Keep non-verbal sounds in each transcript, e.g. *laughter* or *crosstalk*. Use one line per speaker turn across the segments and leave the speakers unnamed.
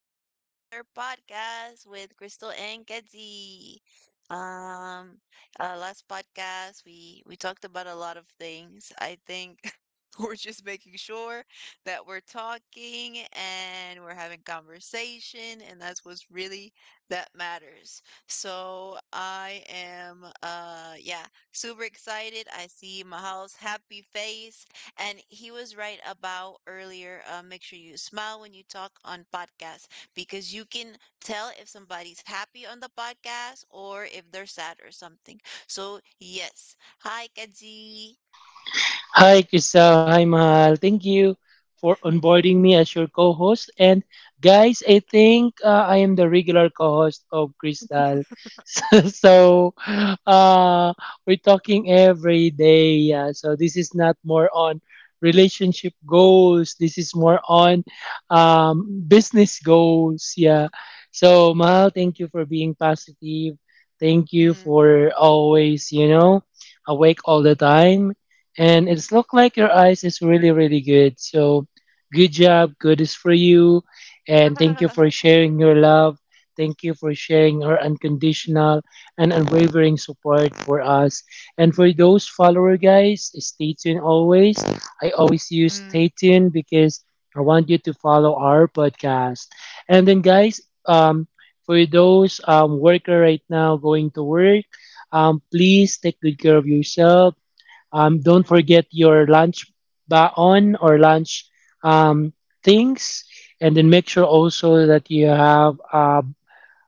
to another podcast with Crystal and Kenzie. Um, Last podcast we talked about a lot of things. I think *laughs* we're just making sure that we're talking and we're having conversation, and that's what's really that matters. So I am, yeah, super excited. I see Mahal's happy face. And he was right about earlier. Make sure you smile when you talk on podcasts because you can tell if somebody's happy on the podcast or if they're sad or something. So, yes. Hi, Kaji.
Hi, Crystal. Hi, Mahal. Thank you for onboarding me as your co-host. And guys, I think I am the regular co-host of Crystal. *laughs* So, uh, we're talking every day. Yeah. So this is not more on relationship goals. This is more on business goals. Yeah. So Mahal, thank you for being positive. Thank you
Mhm.
for always, you know, awake all the time, and it's look like your eyes is really really good, so good job, good is for you. And thank you for
*laughs*
sharing your love, thank you for sharing her unconditional and unwavering support for us. And for those follower guys, stay tuned always. I always use
Mhm.
stay tuned because I want you to follow our podcast. And then guys, um for those worker right now going to work, please take good care of yourself. Don't forget your lunch, baon or lunch, um, things, and then make sure also that you have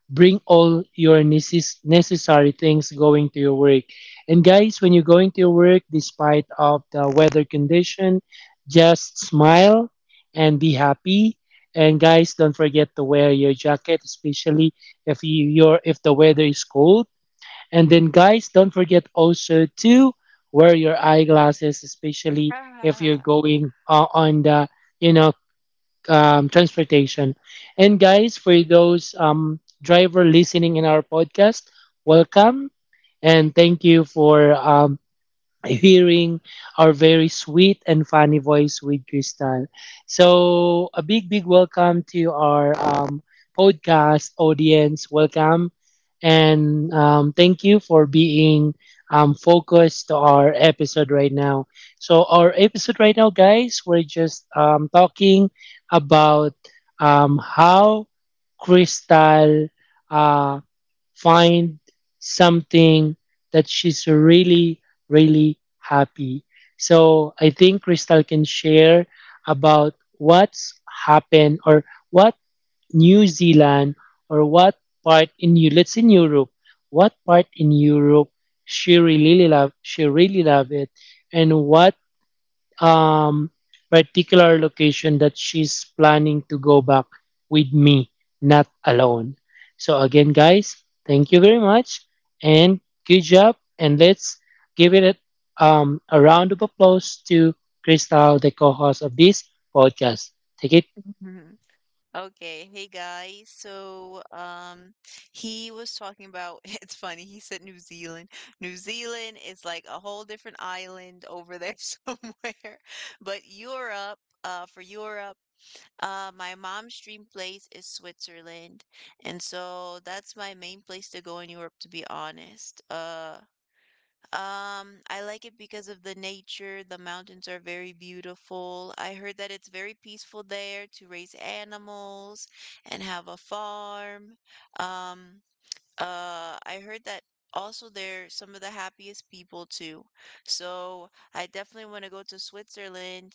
bring all your necessary things going to your work. And guys, when you're going to your work, despite of the weather condition, just smile and be happy. And guys, don't forget to wear your jacket, especially if your if the weather is cold. And then, guys, don't forget also to wear your eyeglasses, especially if you're
*laughs*
going on the, you know, transportation. And, guys, for those driver listening in our podcast, welcome, and thank you for hearing our very sweet and funny voice with Crystal. So, a big, big welcome to our podcast audience. Welcome. And thank you for being focused to our episode right now. So, our episode right now, guys, we're just talking about how Crystal find something that she's really, really happy. So I think Crystal can share about what's happened, or what New Zealand, or what part in you let's in Europe, what part in Europe she really love, she really love it, and what um, particular location that she's planning to go back with me, not alone. So, again, guys, thank you very much and good job. And let's give it a round of applause to Crystal, the co host of this podcast. Take it.
Mhm. Okay, hey guys. So, he was talking about *laughs* it's funny. He said New Zealand. New Zealand is like a whole different island over there *laughs* somewhere. But Europe, for Europe, my mom's dream place is Switzerland, and so that's my main place to go in Europe, to be honest. I like it because of the nature. The mountains are very beautiful. I heard that it's very peaceful there to raise animals and have a farm. Um, I heard that also they're some of the happiest people too. So I definitely want to go to Switzerland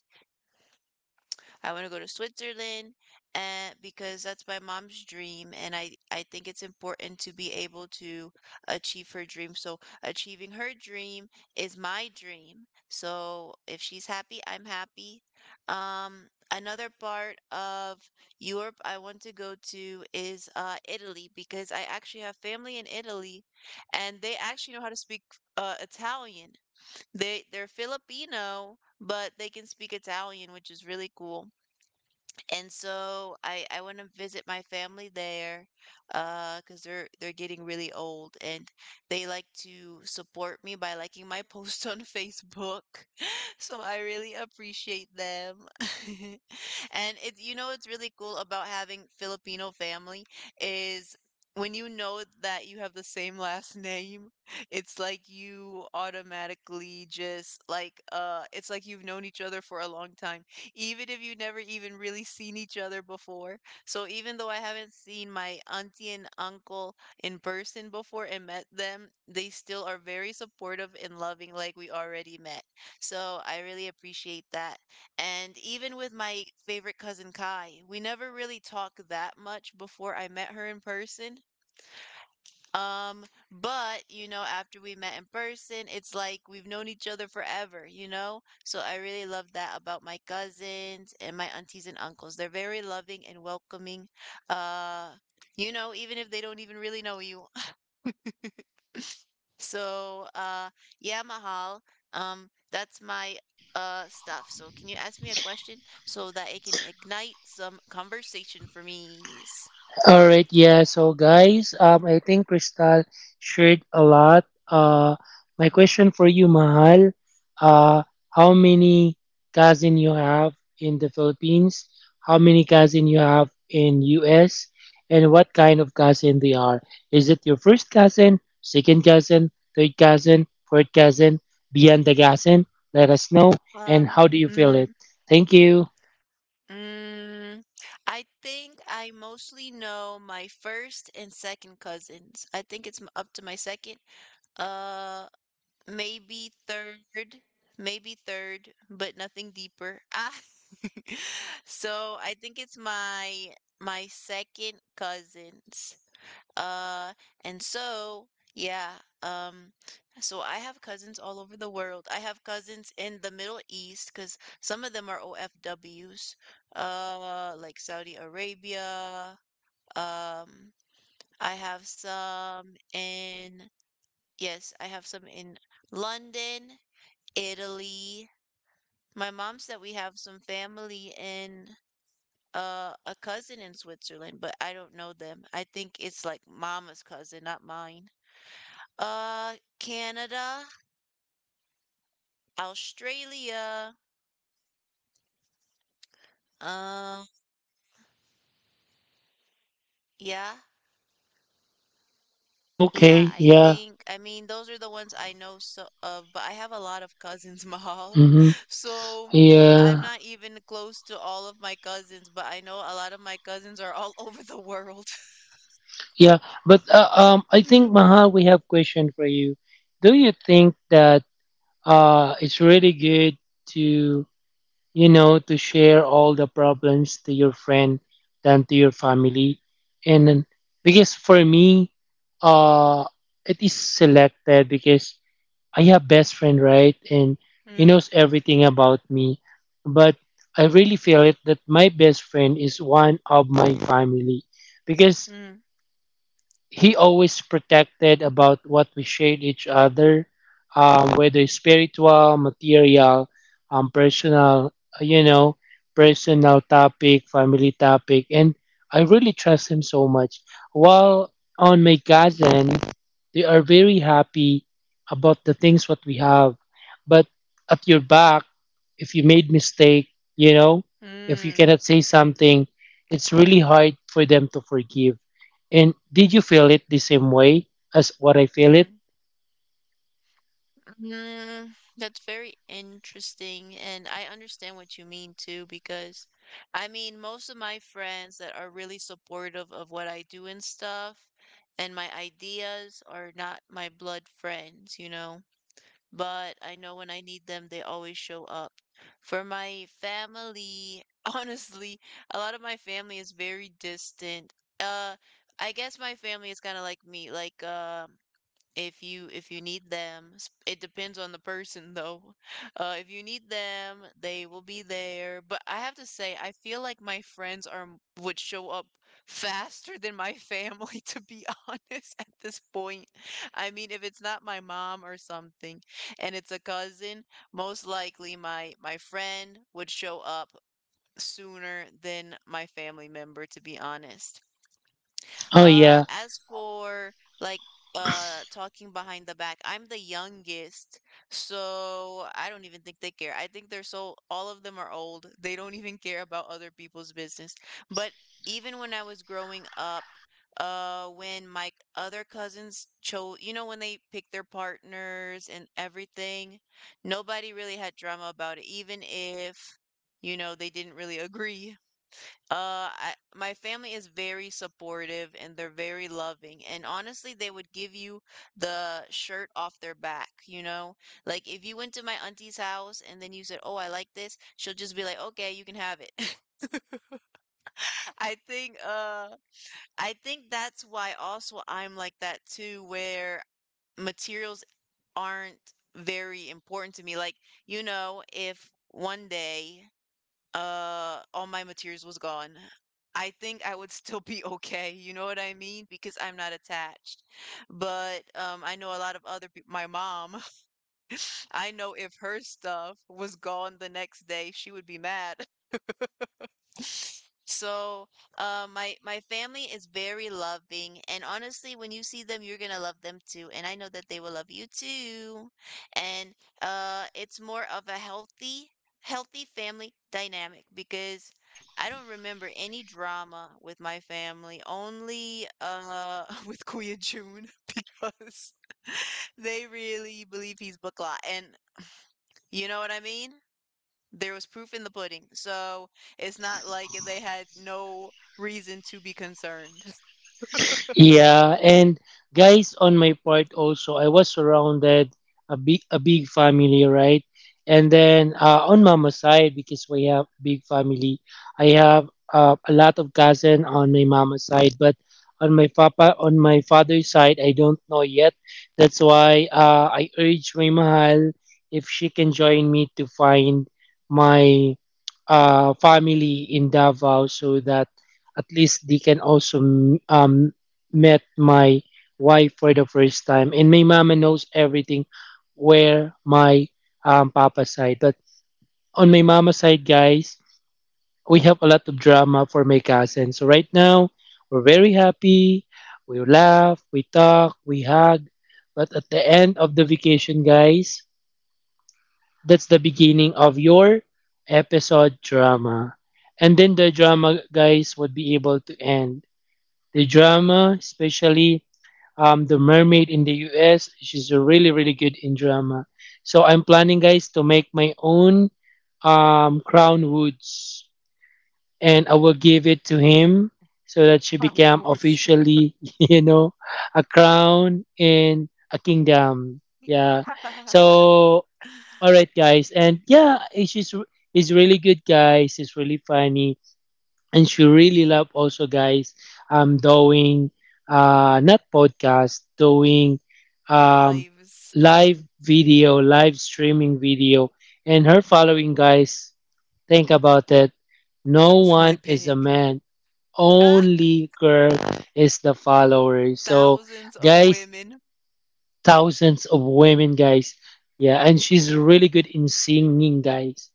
I want to go to Switzerland and because that's my mom's dream and I think it's important to be able to achieve her dream. So achieving her dream is my dream. So if she's happy, I'm happy. Another part of Europe I want to go to is Italy, because I actually have family in Italy and they actually know how to speak Italian. They're Filipino, but they can speak Italian, which is really cool. And so I want to visit my family there, 'cause they're getting really old and they like to support me by liking my *laughs* post on Facebook. *laughs* So I really appreciate them. *laughs* And it you know what's really cool about having Filipino family is when you know that you have the same last *laughs* name, it's like you automatically just it's like you've known each other for a long time, even if you never even really seen each other before. So even though I haven't seen my auntie and uncle in person before and met them, they still are very supportive and loving, like we already met. So I really appreciate that. And even with my favorite cousin Kai, we never really talked that much before I met her in person, um, but you know, after we met in person, it's like we've known each other forever, you know? So I really love that about my cousins and my aunties and uncles. They're very loving and welcoming. Uh, you know, even if they don't even really know you. *laughs* So, yeah, Mahal, that's my stuff. So can you ask me a question so that it can ignite some conversation for me?
All right, yeah. So, guys, I think Crystal shared a lot. My question for you, Mahal, uh, how many cousin you have in the Philippines? How many cousin you have in US? And what kind of cousin they are? Is it your first cousin, second cousin, third cousin, fourth cousin, beyond the cousin? Let us know. And how
Um,
do you feel it?
mm,
Thank you.
Mm, I think I mostly know my first and second cousins. I think up to my second, uh, maybe third, but nothing deeper. Ah. *laughs* So I think it's my second cousins. Uh, and so, yeah, um, so I have cousins all over the world. I have cousins in the Middle East because some of them are OFWs, like Saudi Arabia. Um, I have yes, I have some in London, Italy. My mom said we have some family in a cousin in Switzerland, but I don't know them. I think it's like mama's cousin, not mine. Canada, Australia. Um, yeah, yeah.
Okay,
I
yeah.
think. I mean, those are the ones I know so of. But I have a lot of cousins, *laughs* Mahal.
Mm-hmm.
So I'm
Yeah.
not even close to all of my cousins. But I know a lot of my cousins are all *laughs* over the world. *laughs*
Yeah, but I think
Mm.
Maha, we have question for you. Do you think that it's really good to, you know, to share all the problems to your friend than to your family? And then, because for me, uh, it is selected because I have best friend, right? And he
Mm.
knows everything about me, but I really feel it that my best friend is one of my family because
Mm.
he always protected about what we shared each other, whether it's spiritual, material, personal, you know, personal topic, family topic, and I really trust him so much. While on my cousin, they are very happy about the things what we have, but at your back, if you made mistake, you know, if you
Mm.
cannot say something, it's really hard for them to forgive. And did you feel it the same way as what I feel it?
Mm. Mm, that's very interesting, and I understand what you mean too, because I mean, most of my friends that are really supportive of what I do and stuff, and my ideas are not my blood friends, you know, but I know when I need them, they always show up. For my family, *laughs* honestly, a lot of my family is very distant. Uh, I guess my family is kind of like me, like, if you need them s- it depends on the person, though. *laughs* If you need them, they will be there, but I have to say I feel like my would show up *laughs* faster than my family *laughs* to be honest at this point. I mean, if it's not my mom or something, and it's a cousin, most likely my friend would show up sooner than my family member, to be honest.
Oh yeah.
As for like talking behind the back, I'm the youngest, so I don't even think they care. I think they're so all of them are old. They don't even care about other people's business. But even when I was growing up, when my other cousins chose, you know, when they picked their partners and everything, nobody really had drama about it, even if, you know, they didn't really *laughs* agree. My family is very supportive and they're very loving. And honestly, they would give you the shirt off their back, you know? Like if you went to my auntie's house and then you said, "Oh, I like this," she'll just be like, "Okay, you can have it." *laughs* I think uh I think that's why also I'm like that too, where materials aren't very important to me. Like, you know, if one day all my materials was gone, I think I would still be *laughs* okay, you know what I mean, because I'm not attached. But I know a lot of other people. My mom, *laughs* I know if her stuff was gone the next day she would be mad. So, my family is very loving, and honestly, when you see them, you're gonna love them too, and I know that they will love you too. And it's more of a healthy, healthy family dynamic because I don't remember any drama with my family, only *laughs* with Kuya June *laughs* because they really believe he's bakla, and you know what I mean? There was proof in the pudding, so it's not like they had no reason to be concerned.
Yeah, and guys, on my part also, I was surrounded a big family, right? And then on mama's side, because we have big family, I have a lot of cousin on my mama's side, but on my papa on my father's side, I don't know yet. That's why I urge my mahal if she can join me to find my family in Davao so that at least they can also um, met my wife for the first time, and my mama knows everything where my papa side. But on my mama side, guys, we have a lot of drama for my cousin. So right now, we're very happy. We laugh, we talk, we hug. But at the end of the vacation, guys, that's the beginning of your episode drama. And then the drama, guys, would be able to end the drama, especially the mermaid in the US. She's a really really good in drama. So I'm planning, guys, to make my own Crown Woods, and I will give it to him so that she become
*laughs*
officially, *laughs* you know, a crown in a kingdom. Yeah. So all right, guys, and yeah, she's he's really good, guys. He's really funny, and she really love also guys doing not podcast, doing um
Lives. *laughs*
live video, live streaming video. And her following guys, think about it, no
It's really
one is a
big.
man,
Ah,
only girl is the follower. So
thousands of
guys,
women.
thousands of women, guys. Yeah, and she's really good in singing, guys.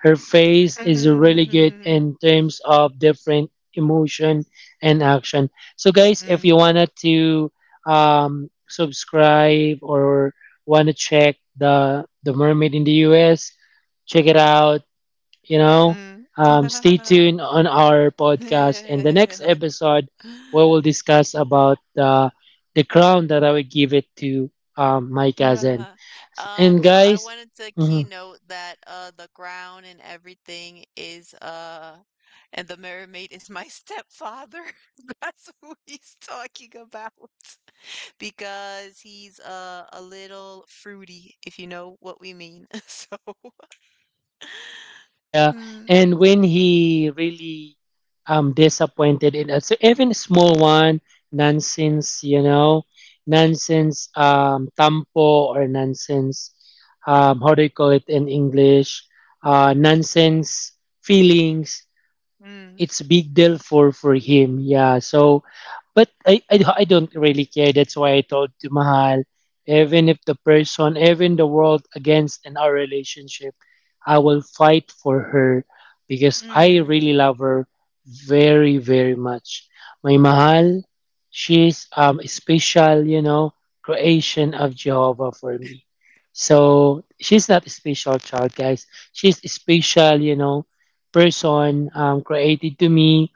Her face is really good in
*laughs*
terms of different emotion and action. So, guys, if
Mm.
you wanted to subscribe or wanna check the Mermaid in the U.S., check it out, you know,
Mm.
stay tuned on our podcast, and the next episode we
Mm.
will
*laughs* *laughs*
discuss about the crown that I would give it to my cousin.
Uh,
And
So I
guys,
wanted to
mhm,
keynote that the ground and everything is, and the mermaid is my stepfather. *laughs* That's who he's talking about *laughs* because he's a little fruity, if you know what we mean. *laughs* So
yeah,
mm,
and when he really disappointed in us, even a small one, nonsense, you know, nonsense tampo, or nonsense, how do you call it in English? Nonsense feelings,
mm,
it's a big deal for him. Yeah. So, but I don't really care. That's why I told to Mahal, even if the person, even the world against in our relationship, I will fight for her because I
mm,
really love her very very much. My Mahal, she's a special, you know, creation of Jehovah for me. So she's not a special child, guys. She's special, you know, person created to me,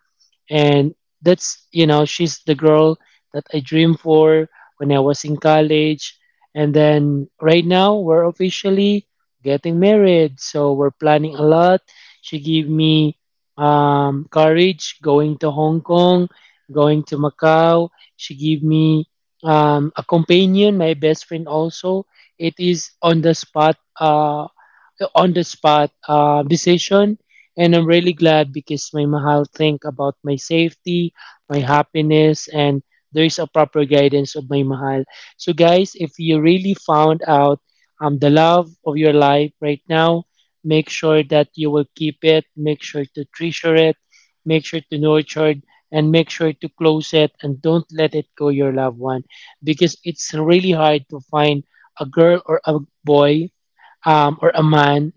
and that's, you know, she's the girl that I dreamed for when I was in college. And then right now we're officially getting married, so we're planning a lot. She gave me courage going to Hong Kong, going to Macau. She gave me a companion, my best friend also. It is on the spot, decision. And I'm really glad because my mahal think about my safety, my happiness, and there is a proper guidance of my mahal. So guys, if you really found out the love of your life right now, make sure that you will keep it, make sure to treasure it, make sure to nurture it, and make sure to close it and don't let it go your loved one, because it's really hard to find a girl or a boy, or a man,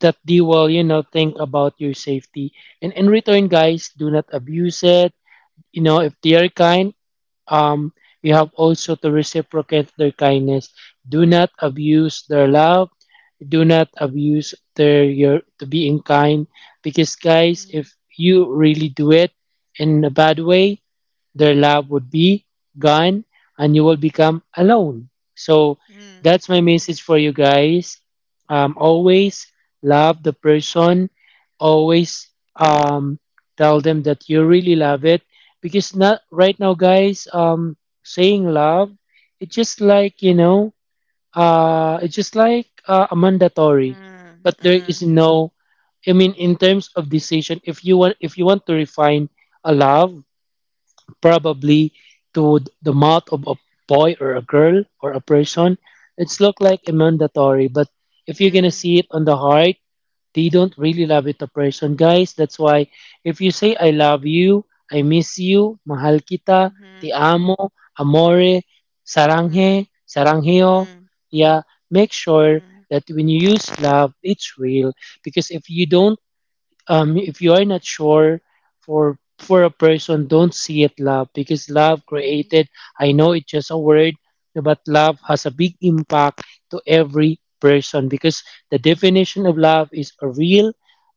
that they will, you know, think about your safety. And in return, guys, do not abuse it. You know, if they are kind, um, you have also to reciprocate their kindness. Do not abuse their love. Do not abuse their your to being kind. Because guys,
mm,
if you really do it in a bad way, their love would be gone and you will become alone. So
mm,
that's my message for you guys. Always love the person, always um, tell them that you really love it, because not right now guys, saying love, it's just like, you know, it's just like a mandatory,
mm,
but there
mm,
is no, I mean, in terms of decision, if you want to refine a love, probably to the mouth of a boy or a girl or a person. It's look like a mandatory, but if you're gonna
mm,
see it on the heart, they don't really love it a person, guys. That's why if you say I love you, I miss you, mahal kita,
mm-hmm,
te amo, amore,
mm,
saranghe, sarangheo,
mm,
yeah, make sure
mm,
that when you use love, it's real. Because if you don't, if you are not sure for a person, don't see it love because love
mm, mm,
created. I know it's just a word, but love has a big impact to every person, because the definition of
mm,
love is a real.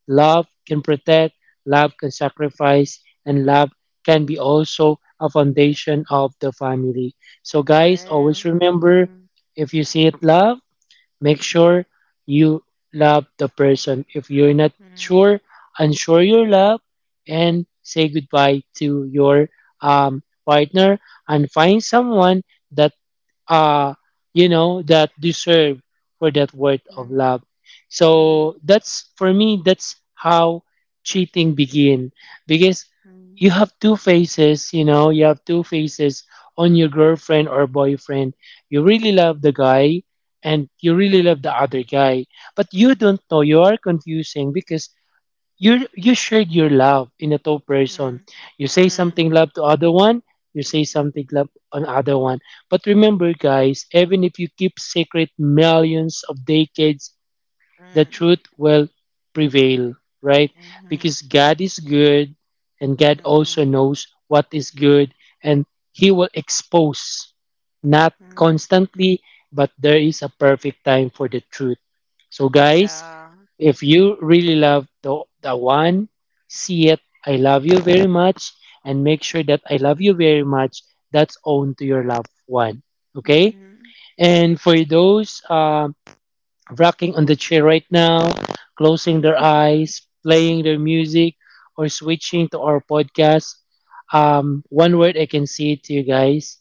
Love can protect, love can sacrifice, and love can be also a foundation of the family. So guys,
well,
always remember,
mm,
if you see it love, make sure you love the person. If you're not
mm.
sure, unsure your love and say goodbye to your partner and find someone that uh you know that deserve for that word of
Mm,
love.
mm,
So that's for me, that's how cheating begin, because
mm,
you have two faces, you know, you have two faces on your girlfriend or boyfriend. You really love the guy and you really
mm,
love the other guy, but you don't know, you are confusing, because you shared your love in a two person.
mm,
You say
mm,
something love to other one, you say something love on other one. But remember guys, even if you keep secret millions of decades, the
mm,
truth will prevail, right?
mhm,
Because God is good and God also
mhm,
knows what is good, and He will expose, not
mm.
constantly, but there is a perfect time for the truth. So, guys,
Yeah.
if you really love the one, see it. I love you very much and make sure that I love you very much. That's own to your loved one. Okay?
Mm,
And for those rocking on the chair right now, closing their eyes, playing their music, or switching to our podcast, one word I can say to you guys: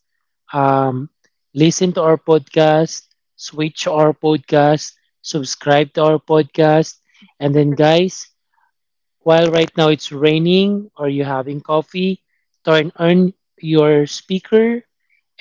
um, listen to our podcast, switch to our podcast, subscribe to our podcast. And then, guys, while right now it's raining or you're having coffee, turn on your speaker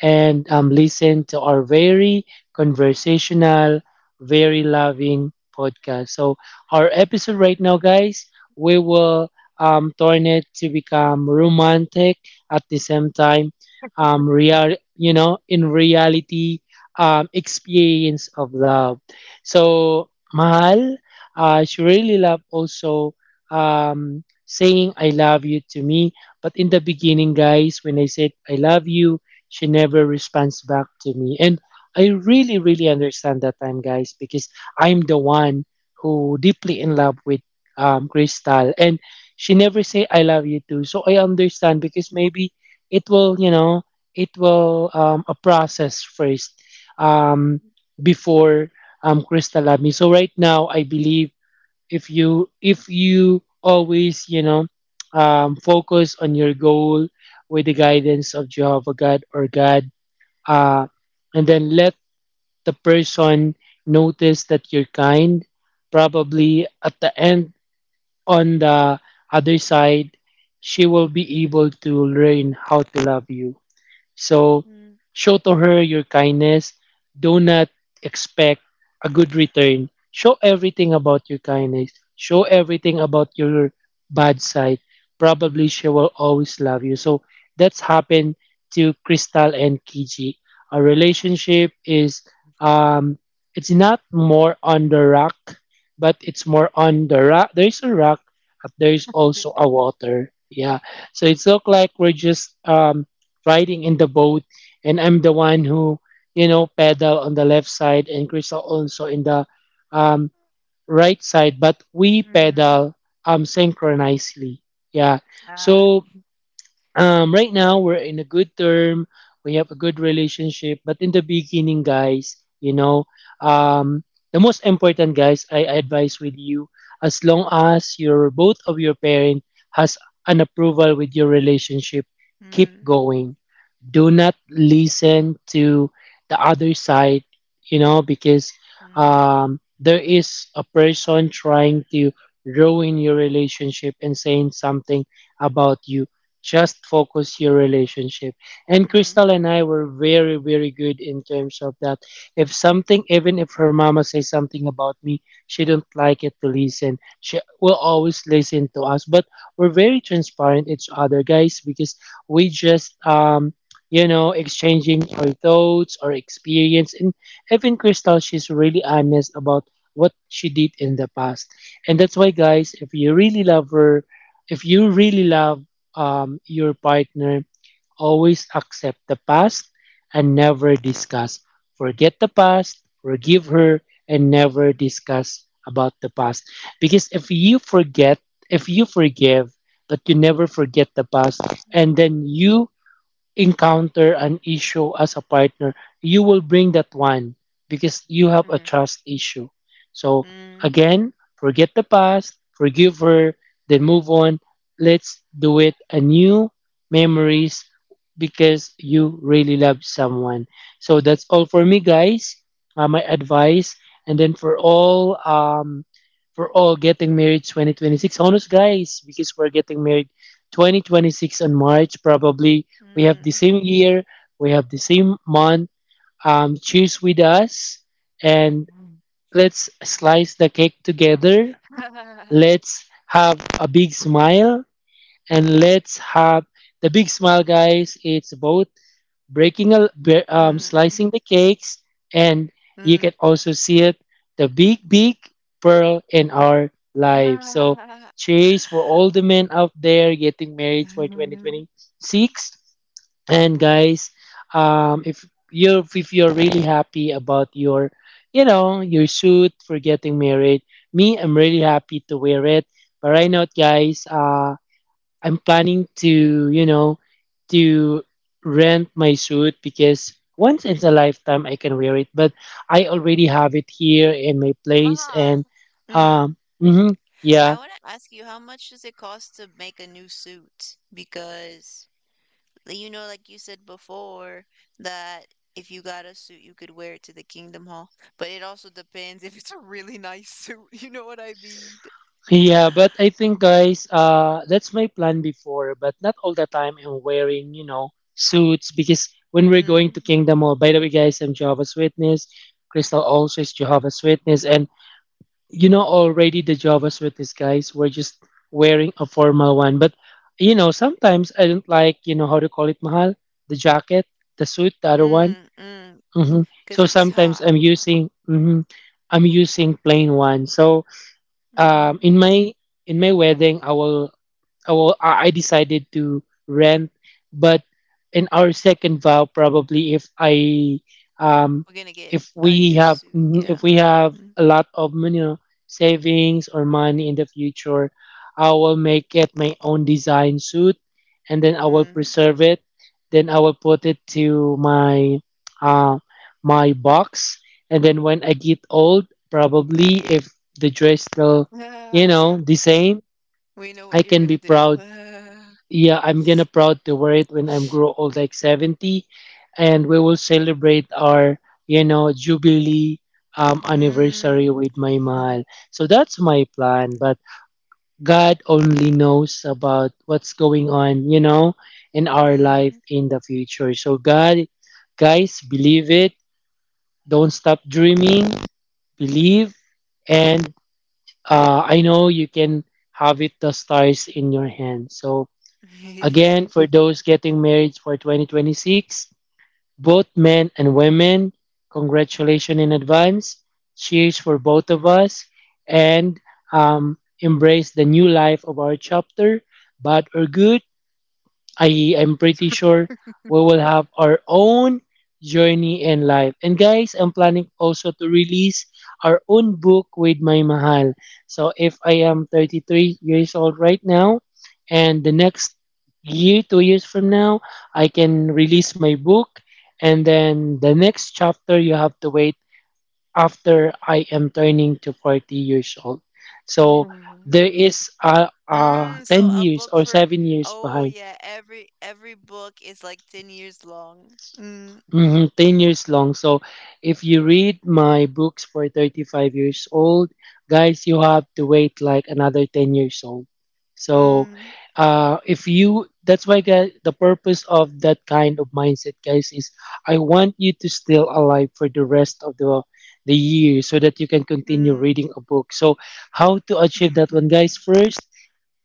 and listen to our very conversational, very loving podcast. So, our episode right now, guys, we will turn it to become romantic at the same time, real, you know, in reality, experience of love. So, Mahal, she really love also saying I love you to me. But in the beginning, guys, when I said I love you, she never responds back to me, and I really understand that time guys, because I'm the one who deeply in love with Crystal, and she never say I love you too. So I understand, because maybe it will, you know, it will a process first, um, before Crystal love me. So right now I believe, if you always, you know, focus on your goal with the guidance of Jehovah God or God, uh, and then let the person notice that you're kind. Probably at the end, on the other side, she will be able to learn how to love you. So
mm,
show to her your kindness. Do not expect a good return. Show everything about your kindness. Show everything about your bad side. Probably she will always love you. So that's happened to Crystal and Kiji. Our relationship is um it's not more on the rock, but it's more on the rock. There is a rock, but there is also
*laughs*
a water. Yeah. So it's look like we're just riding in the boat, and I'm the one who, you know, pedal on the left side, and Crystal also in the um, right side. But we
mm,
pedal synchronously. Yeah.
ah,
So right now we're in a good term. We have a good relationship. But in the beginning, guys, you know, um, the most important, guys, I advise with you, as long as your both of your parent has an approval with your relationship, keep
mm,
going, do not listen to the other side, you know, because
mm,
there is a person trying to ruin your relationship and saying something about you. Just focus your relationship, and Crystal
mm,
and I were very very good in terms of that. If something, even if her mama says something about me, she don't like it to listen, she will always listen to us. But we're very transparent each other, guys, because we just you know, exchanging our thoughts, our experience, and even Crystal, she's really honest about what she did in the past. And that's why, guys, if you really love her, if you really love your partner, always accept the past and never discuss. Forget the past, forgive her, and never
mm,
discuss about the past. Because if you forget, if you forgive, but you never forget the past,
mm,
and then you encounter an issue as a partner, you will bring that one, because you have a
mm,
trust issue. So
mm, mm,
again, forget the past, forgive her, then move on. Let's do it anew memories, because you really love someone. So that's all for me, guys. My advice, and then for all getting married 2026, honest guys, because we're getting married 2026 on March probably. We have the
mm.
same year, we have the same month. Cheers with us, and let's slice the cake together.
*laughs*
Let's have a big smile, and let's have the big smile, guys. It's both breaking,
Mm,
slicing the cakes, and you can
mm.
also see it the big, big pearl in our life. So,
*laughs*
cheers for all the men out there getting married for 2026, and guys, if you're really happy about your, you know, your suit for getting married. Me, I'm really happy to wear it. But right now, guys, I'm planning to, you know, to rent my suit, because once in a lifetime I can wear it. But I already have it here in my place,
Mahal.
and
Mm.
um mhm, yeah.
I want to ask you, how much does it cost to make a new suit? Because, like, you know, like you said before, that if you got a suit, you could wear it to the Kingdom Hall. But it also depends *laughs* if it's a really nice suit. *laughs* You know what I mean? *sighs*
Yeah, but I think guys, that's my plan before, but not all the time I'm wearing, you know, suits, because when we're going
Mm,
to Kingdom Hall, by the way guys, I'm Jehovah's Witness. Crystal also is Jehovah's Witness, and you know already the Jehovah's Witness guys were just wearing a formal one. But you know, sometimes I don't like, you know, how to call it mahal, the jacket, the suit, the other one.
mm, mm. Because
So
it's
sometimes
hot.
I'm using I'm using plain one. So um,
Hmm.
in my in my wedding, I will. Oh, well, I decided to rent, but in our second vow, probably if I um
We're gonna get
if
a
we
new
have
suit.
mhm, if
Yeah.
we have
Mm,
a lot of money, you know, savings or money in the future, I will make it my own design suit, and then I will
mm.
preserve it. Then I will put it to my uh, my box, and then when I get old, probably if the dress still,
*laughs*
you know,
Ah,
the same,
we know
I
what you're
can
gonna
be
do.
proud.
Ah,
Yeah, I'm gonna proud to wear it when I'm grow old, like 70, and we will celebrate our, you know, jubilee anniversary
mm,
with my
*laughs*
mahal. So that's my plan, but God only knows about what's going on, you know, in our life
mm.
in the future. So God, guys, believe it. Don't stop dreaming. Believe, and I know you can have it, the stars in your hand. So again, for
*laughs*
those getting married for 2026, both men and women, congratulations in advance. Cheers for both of us, and embrace the new life of our chapter, bad or good. I am pretty sure we will have our own journey in life. And guys, I'm planning also to release our own book with my mahal. So if I am 33 years old right now, and the next year, 2 years from now, I can release my book. And then the next chapter, you have to wait after I am turning to 40 years old. So
Mm.
there is a
Mm, so
10
a
years
book
or
for,
7 years
oh
behind.
yeah, every book is like 10 years long. Mm,
10 years long. So if you read my books for 35 years old, guys, you have to wait like another 10 years old. So if you, that's why guys, the purpose of that kind of mindset, guys, is I want you to still alive for the rest of the year, so that you can continue
mm,
reading a book. So how to achieve that one, guys? First,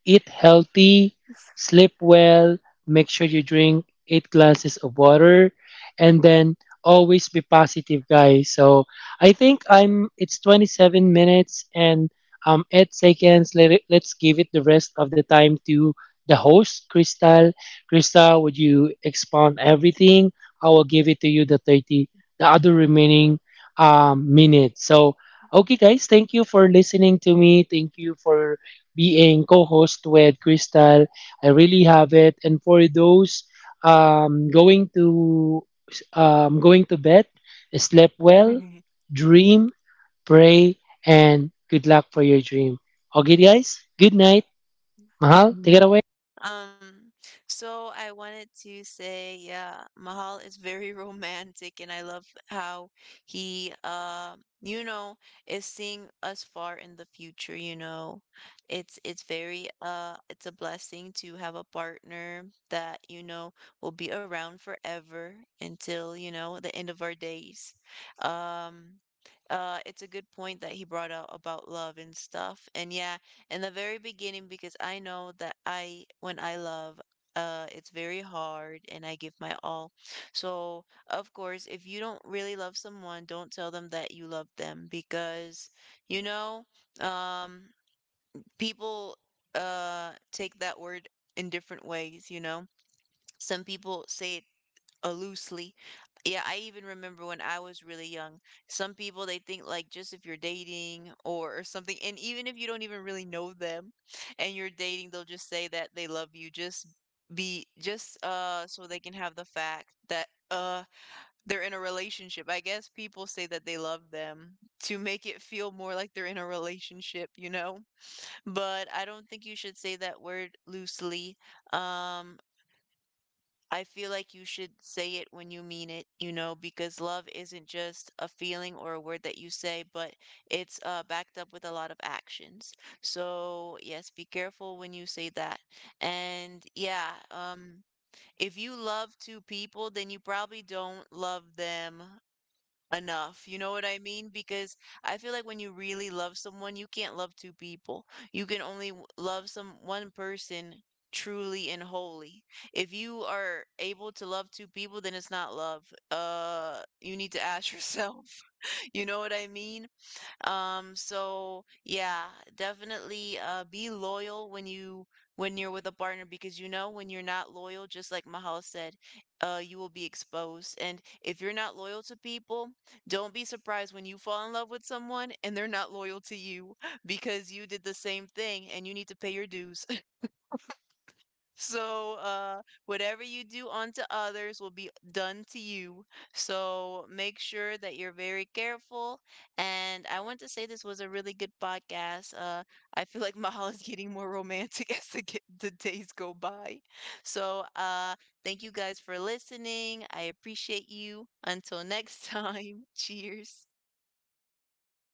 eat healthy, sleep well, make sure you drink 8 glasses of water, and then always be positive, guys. So I think I'm. It's 27 minutes and 8 seconds. Let's give it the rest of the time to the host, Crystal. Crystal, would you expound everything? I will give it to you the 30, the other remaining minutes. So. Okay, guys, thank you for listening to me. Thank you for being co-host with Crystal. I really have it. And for those going to going to bed, sleep well,
mm.
dream, pray, and good luck for your dream. Okay, guys. Good night. Mahal, take it away.
*laughs* Um, so I wanted to say, yeah, Mahal is very *laughs* romantic, and I love how he, you know, is seeing us far in the future, you know. It's very, it's a blessing to have a partner that, you know, will be around forever until, you know, the end of our days. Um, it's a good point that he brought out about love and stuff. And yeah, in the very beginning, because I know that I when I love, it's very hard and I give my all. So, of course, if you don't really love someone, don't tell them that you love them, because you know, um people take that word in different ways, you know. Some people say it, loosely. Yeah, I even remember when I was really young, some people they think like, just if you're dating or, something, and even if you don't even really know them and you're dating, they'll just say that they love you just be just so they can have the fact that they're in a relationship. I guess people say that they love them to make it feel more like they're in a relationship, you know? But I don't think you should say that word loosely. Um I feel like you should say it when you mean it, you know, because love isn't just a feeling or a word that you say, but it's, backed up with a lot of actions. So, yes, be careful when you say that. And yeah, if you love two people, then you probably don't love them enough. You know what I mean? Because I feel like when you really love someone, you can't love two people. You can only love some one person truly and wholly. If you are able to love two people, then it's not love. You need to ask yourself. *laughs* You know what I mean? So yeah, definitely be loyal when you when you're with a partner, because you know when you're not loyal, just like Mahal said, you will be exposed. And if you're not loyal to people, don't be surprised when you fall in love with someone and they're not loyal to you *laughs* because you did the same thing and you need to pay your dues. So, whatever you do unto others will be done to you. So, make sure that you're very careful. And I want to say this was a really good podcast. I feel like Mahal is getting more romantic *laughs* as the days go by. So, thank you guys for listening. I appreciate you. Until next time, *laughs* cheers.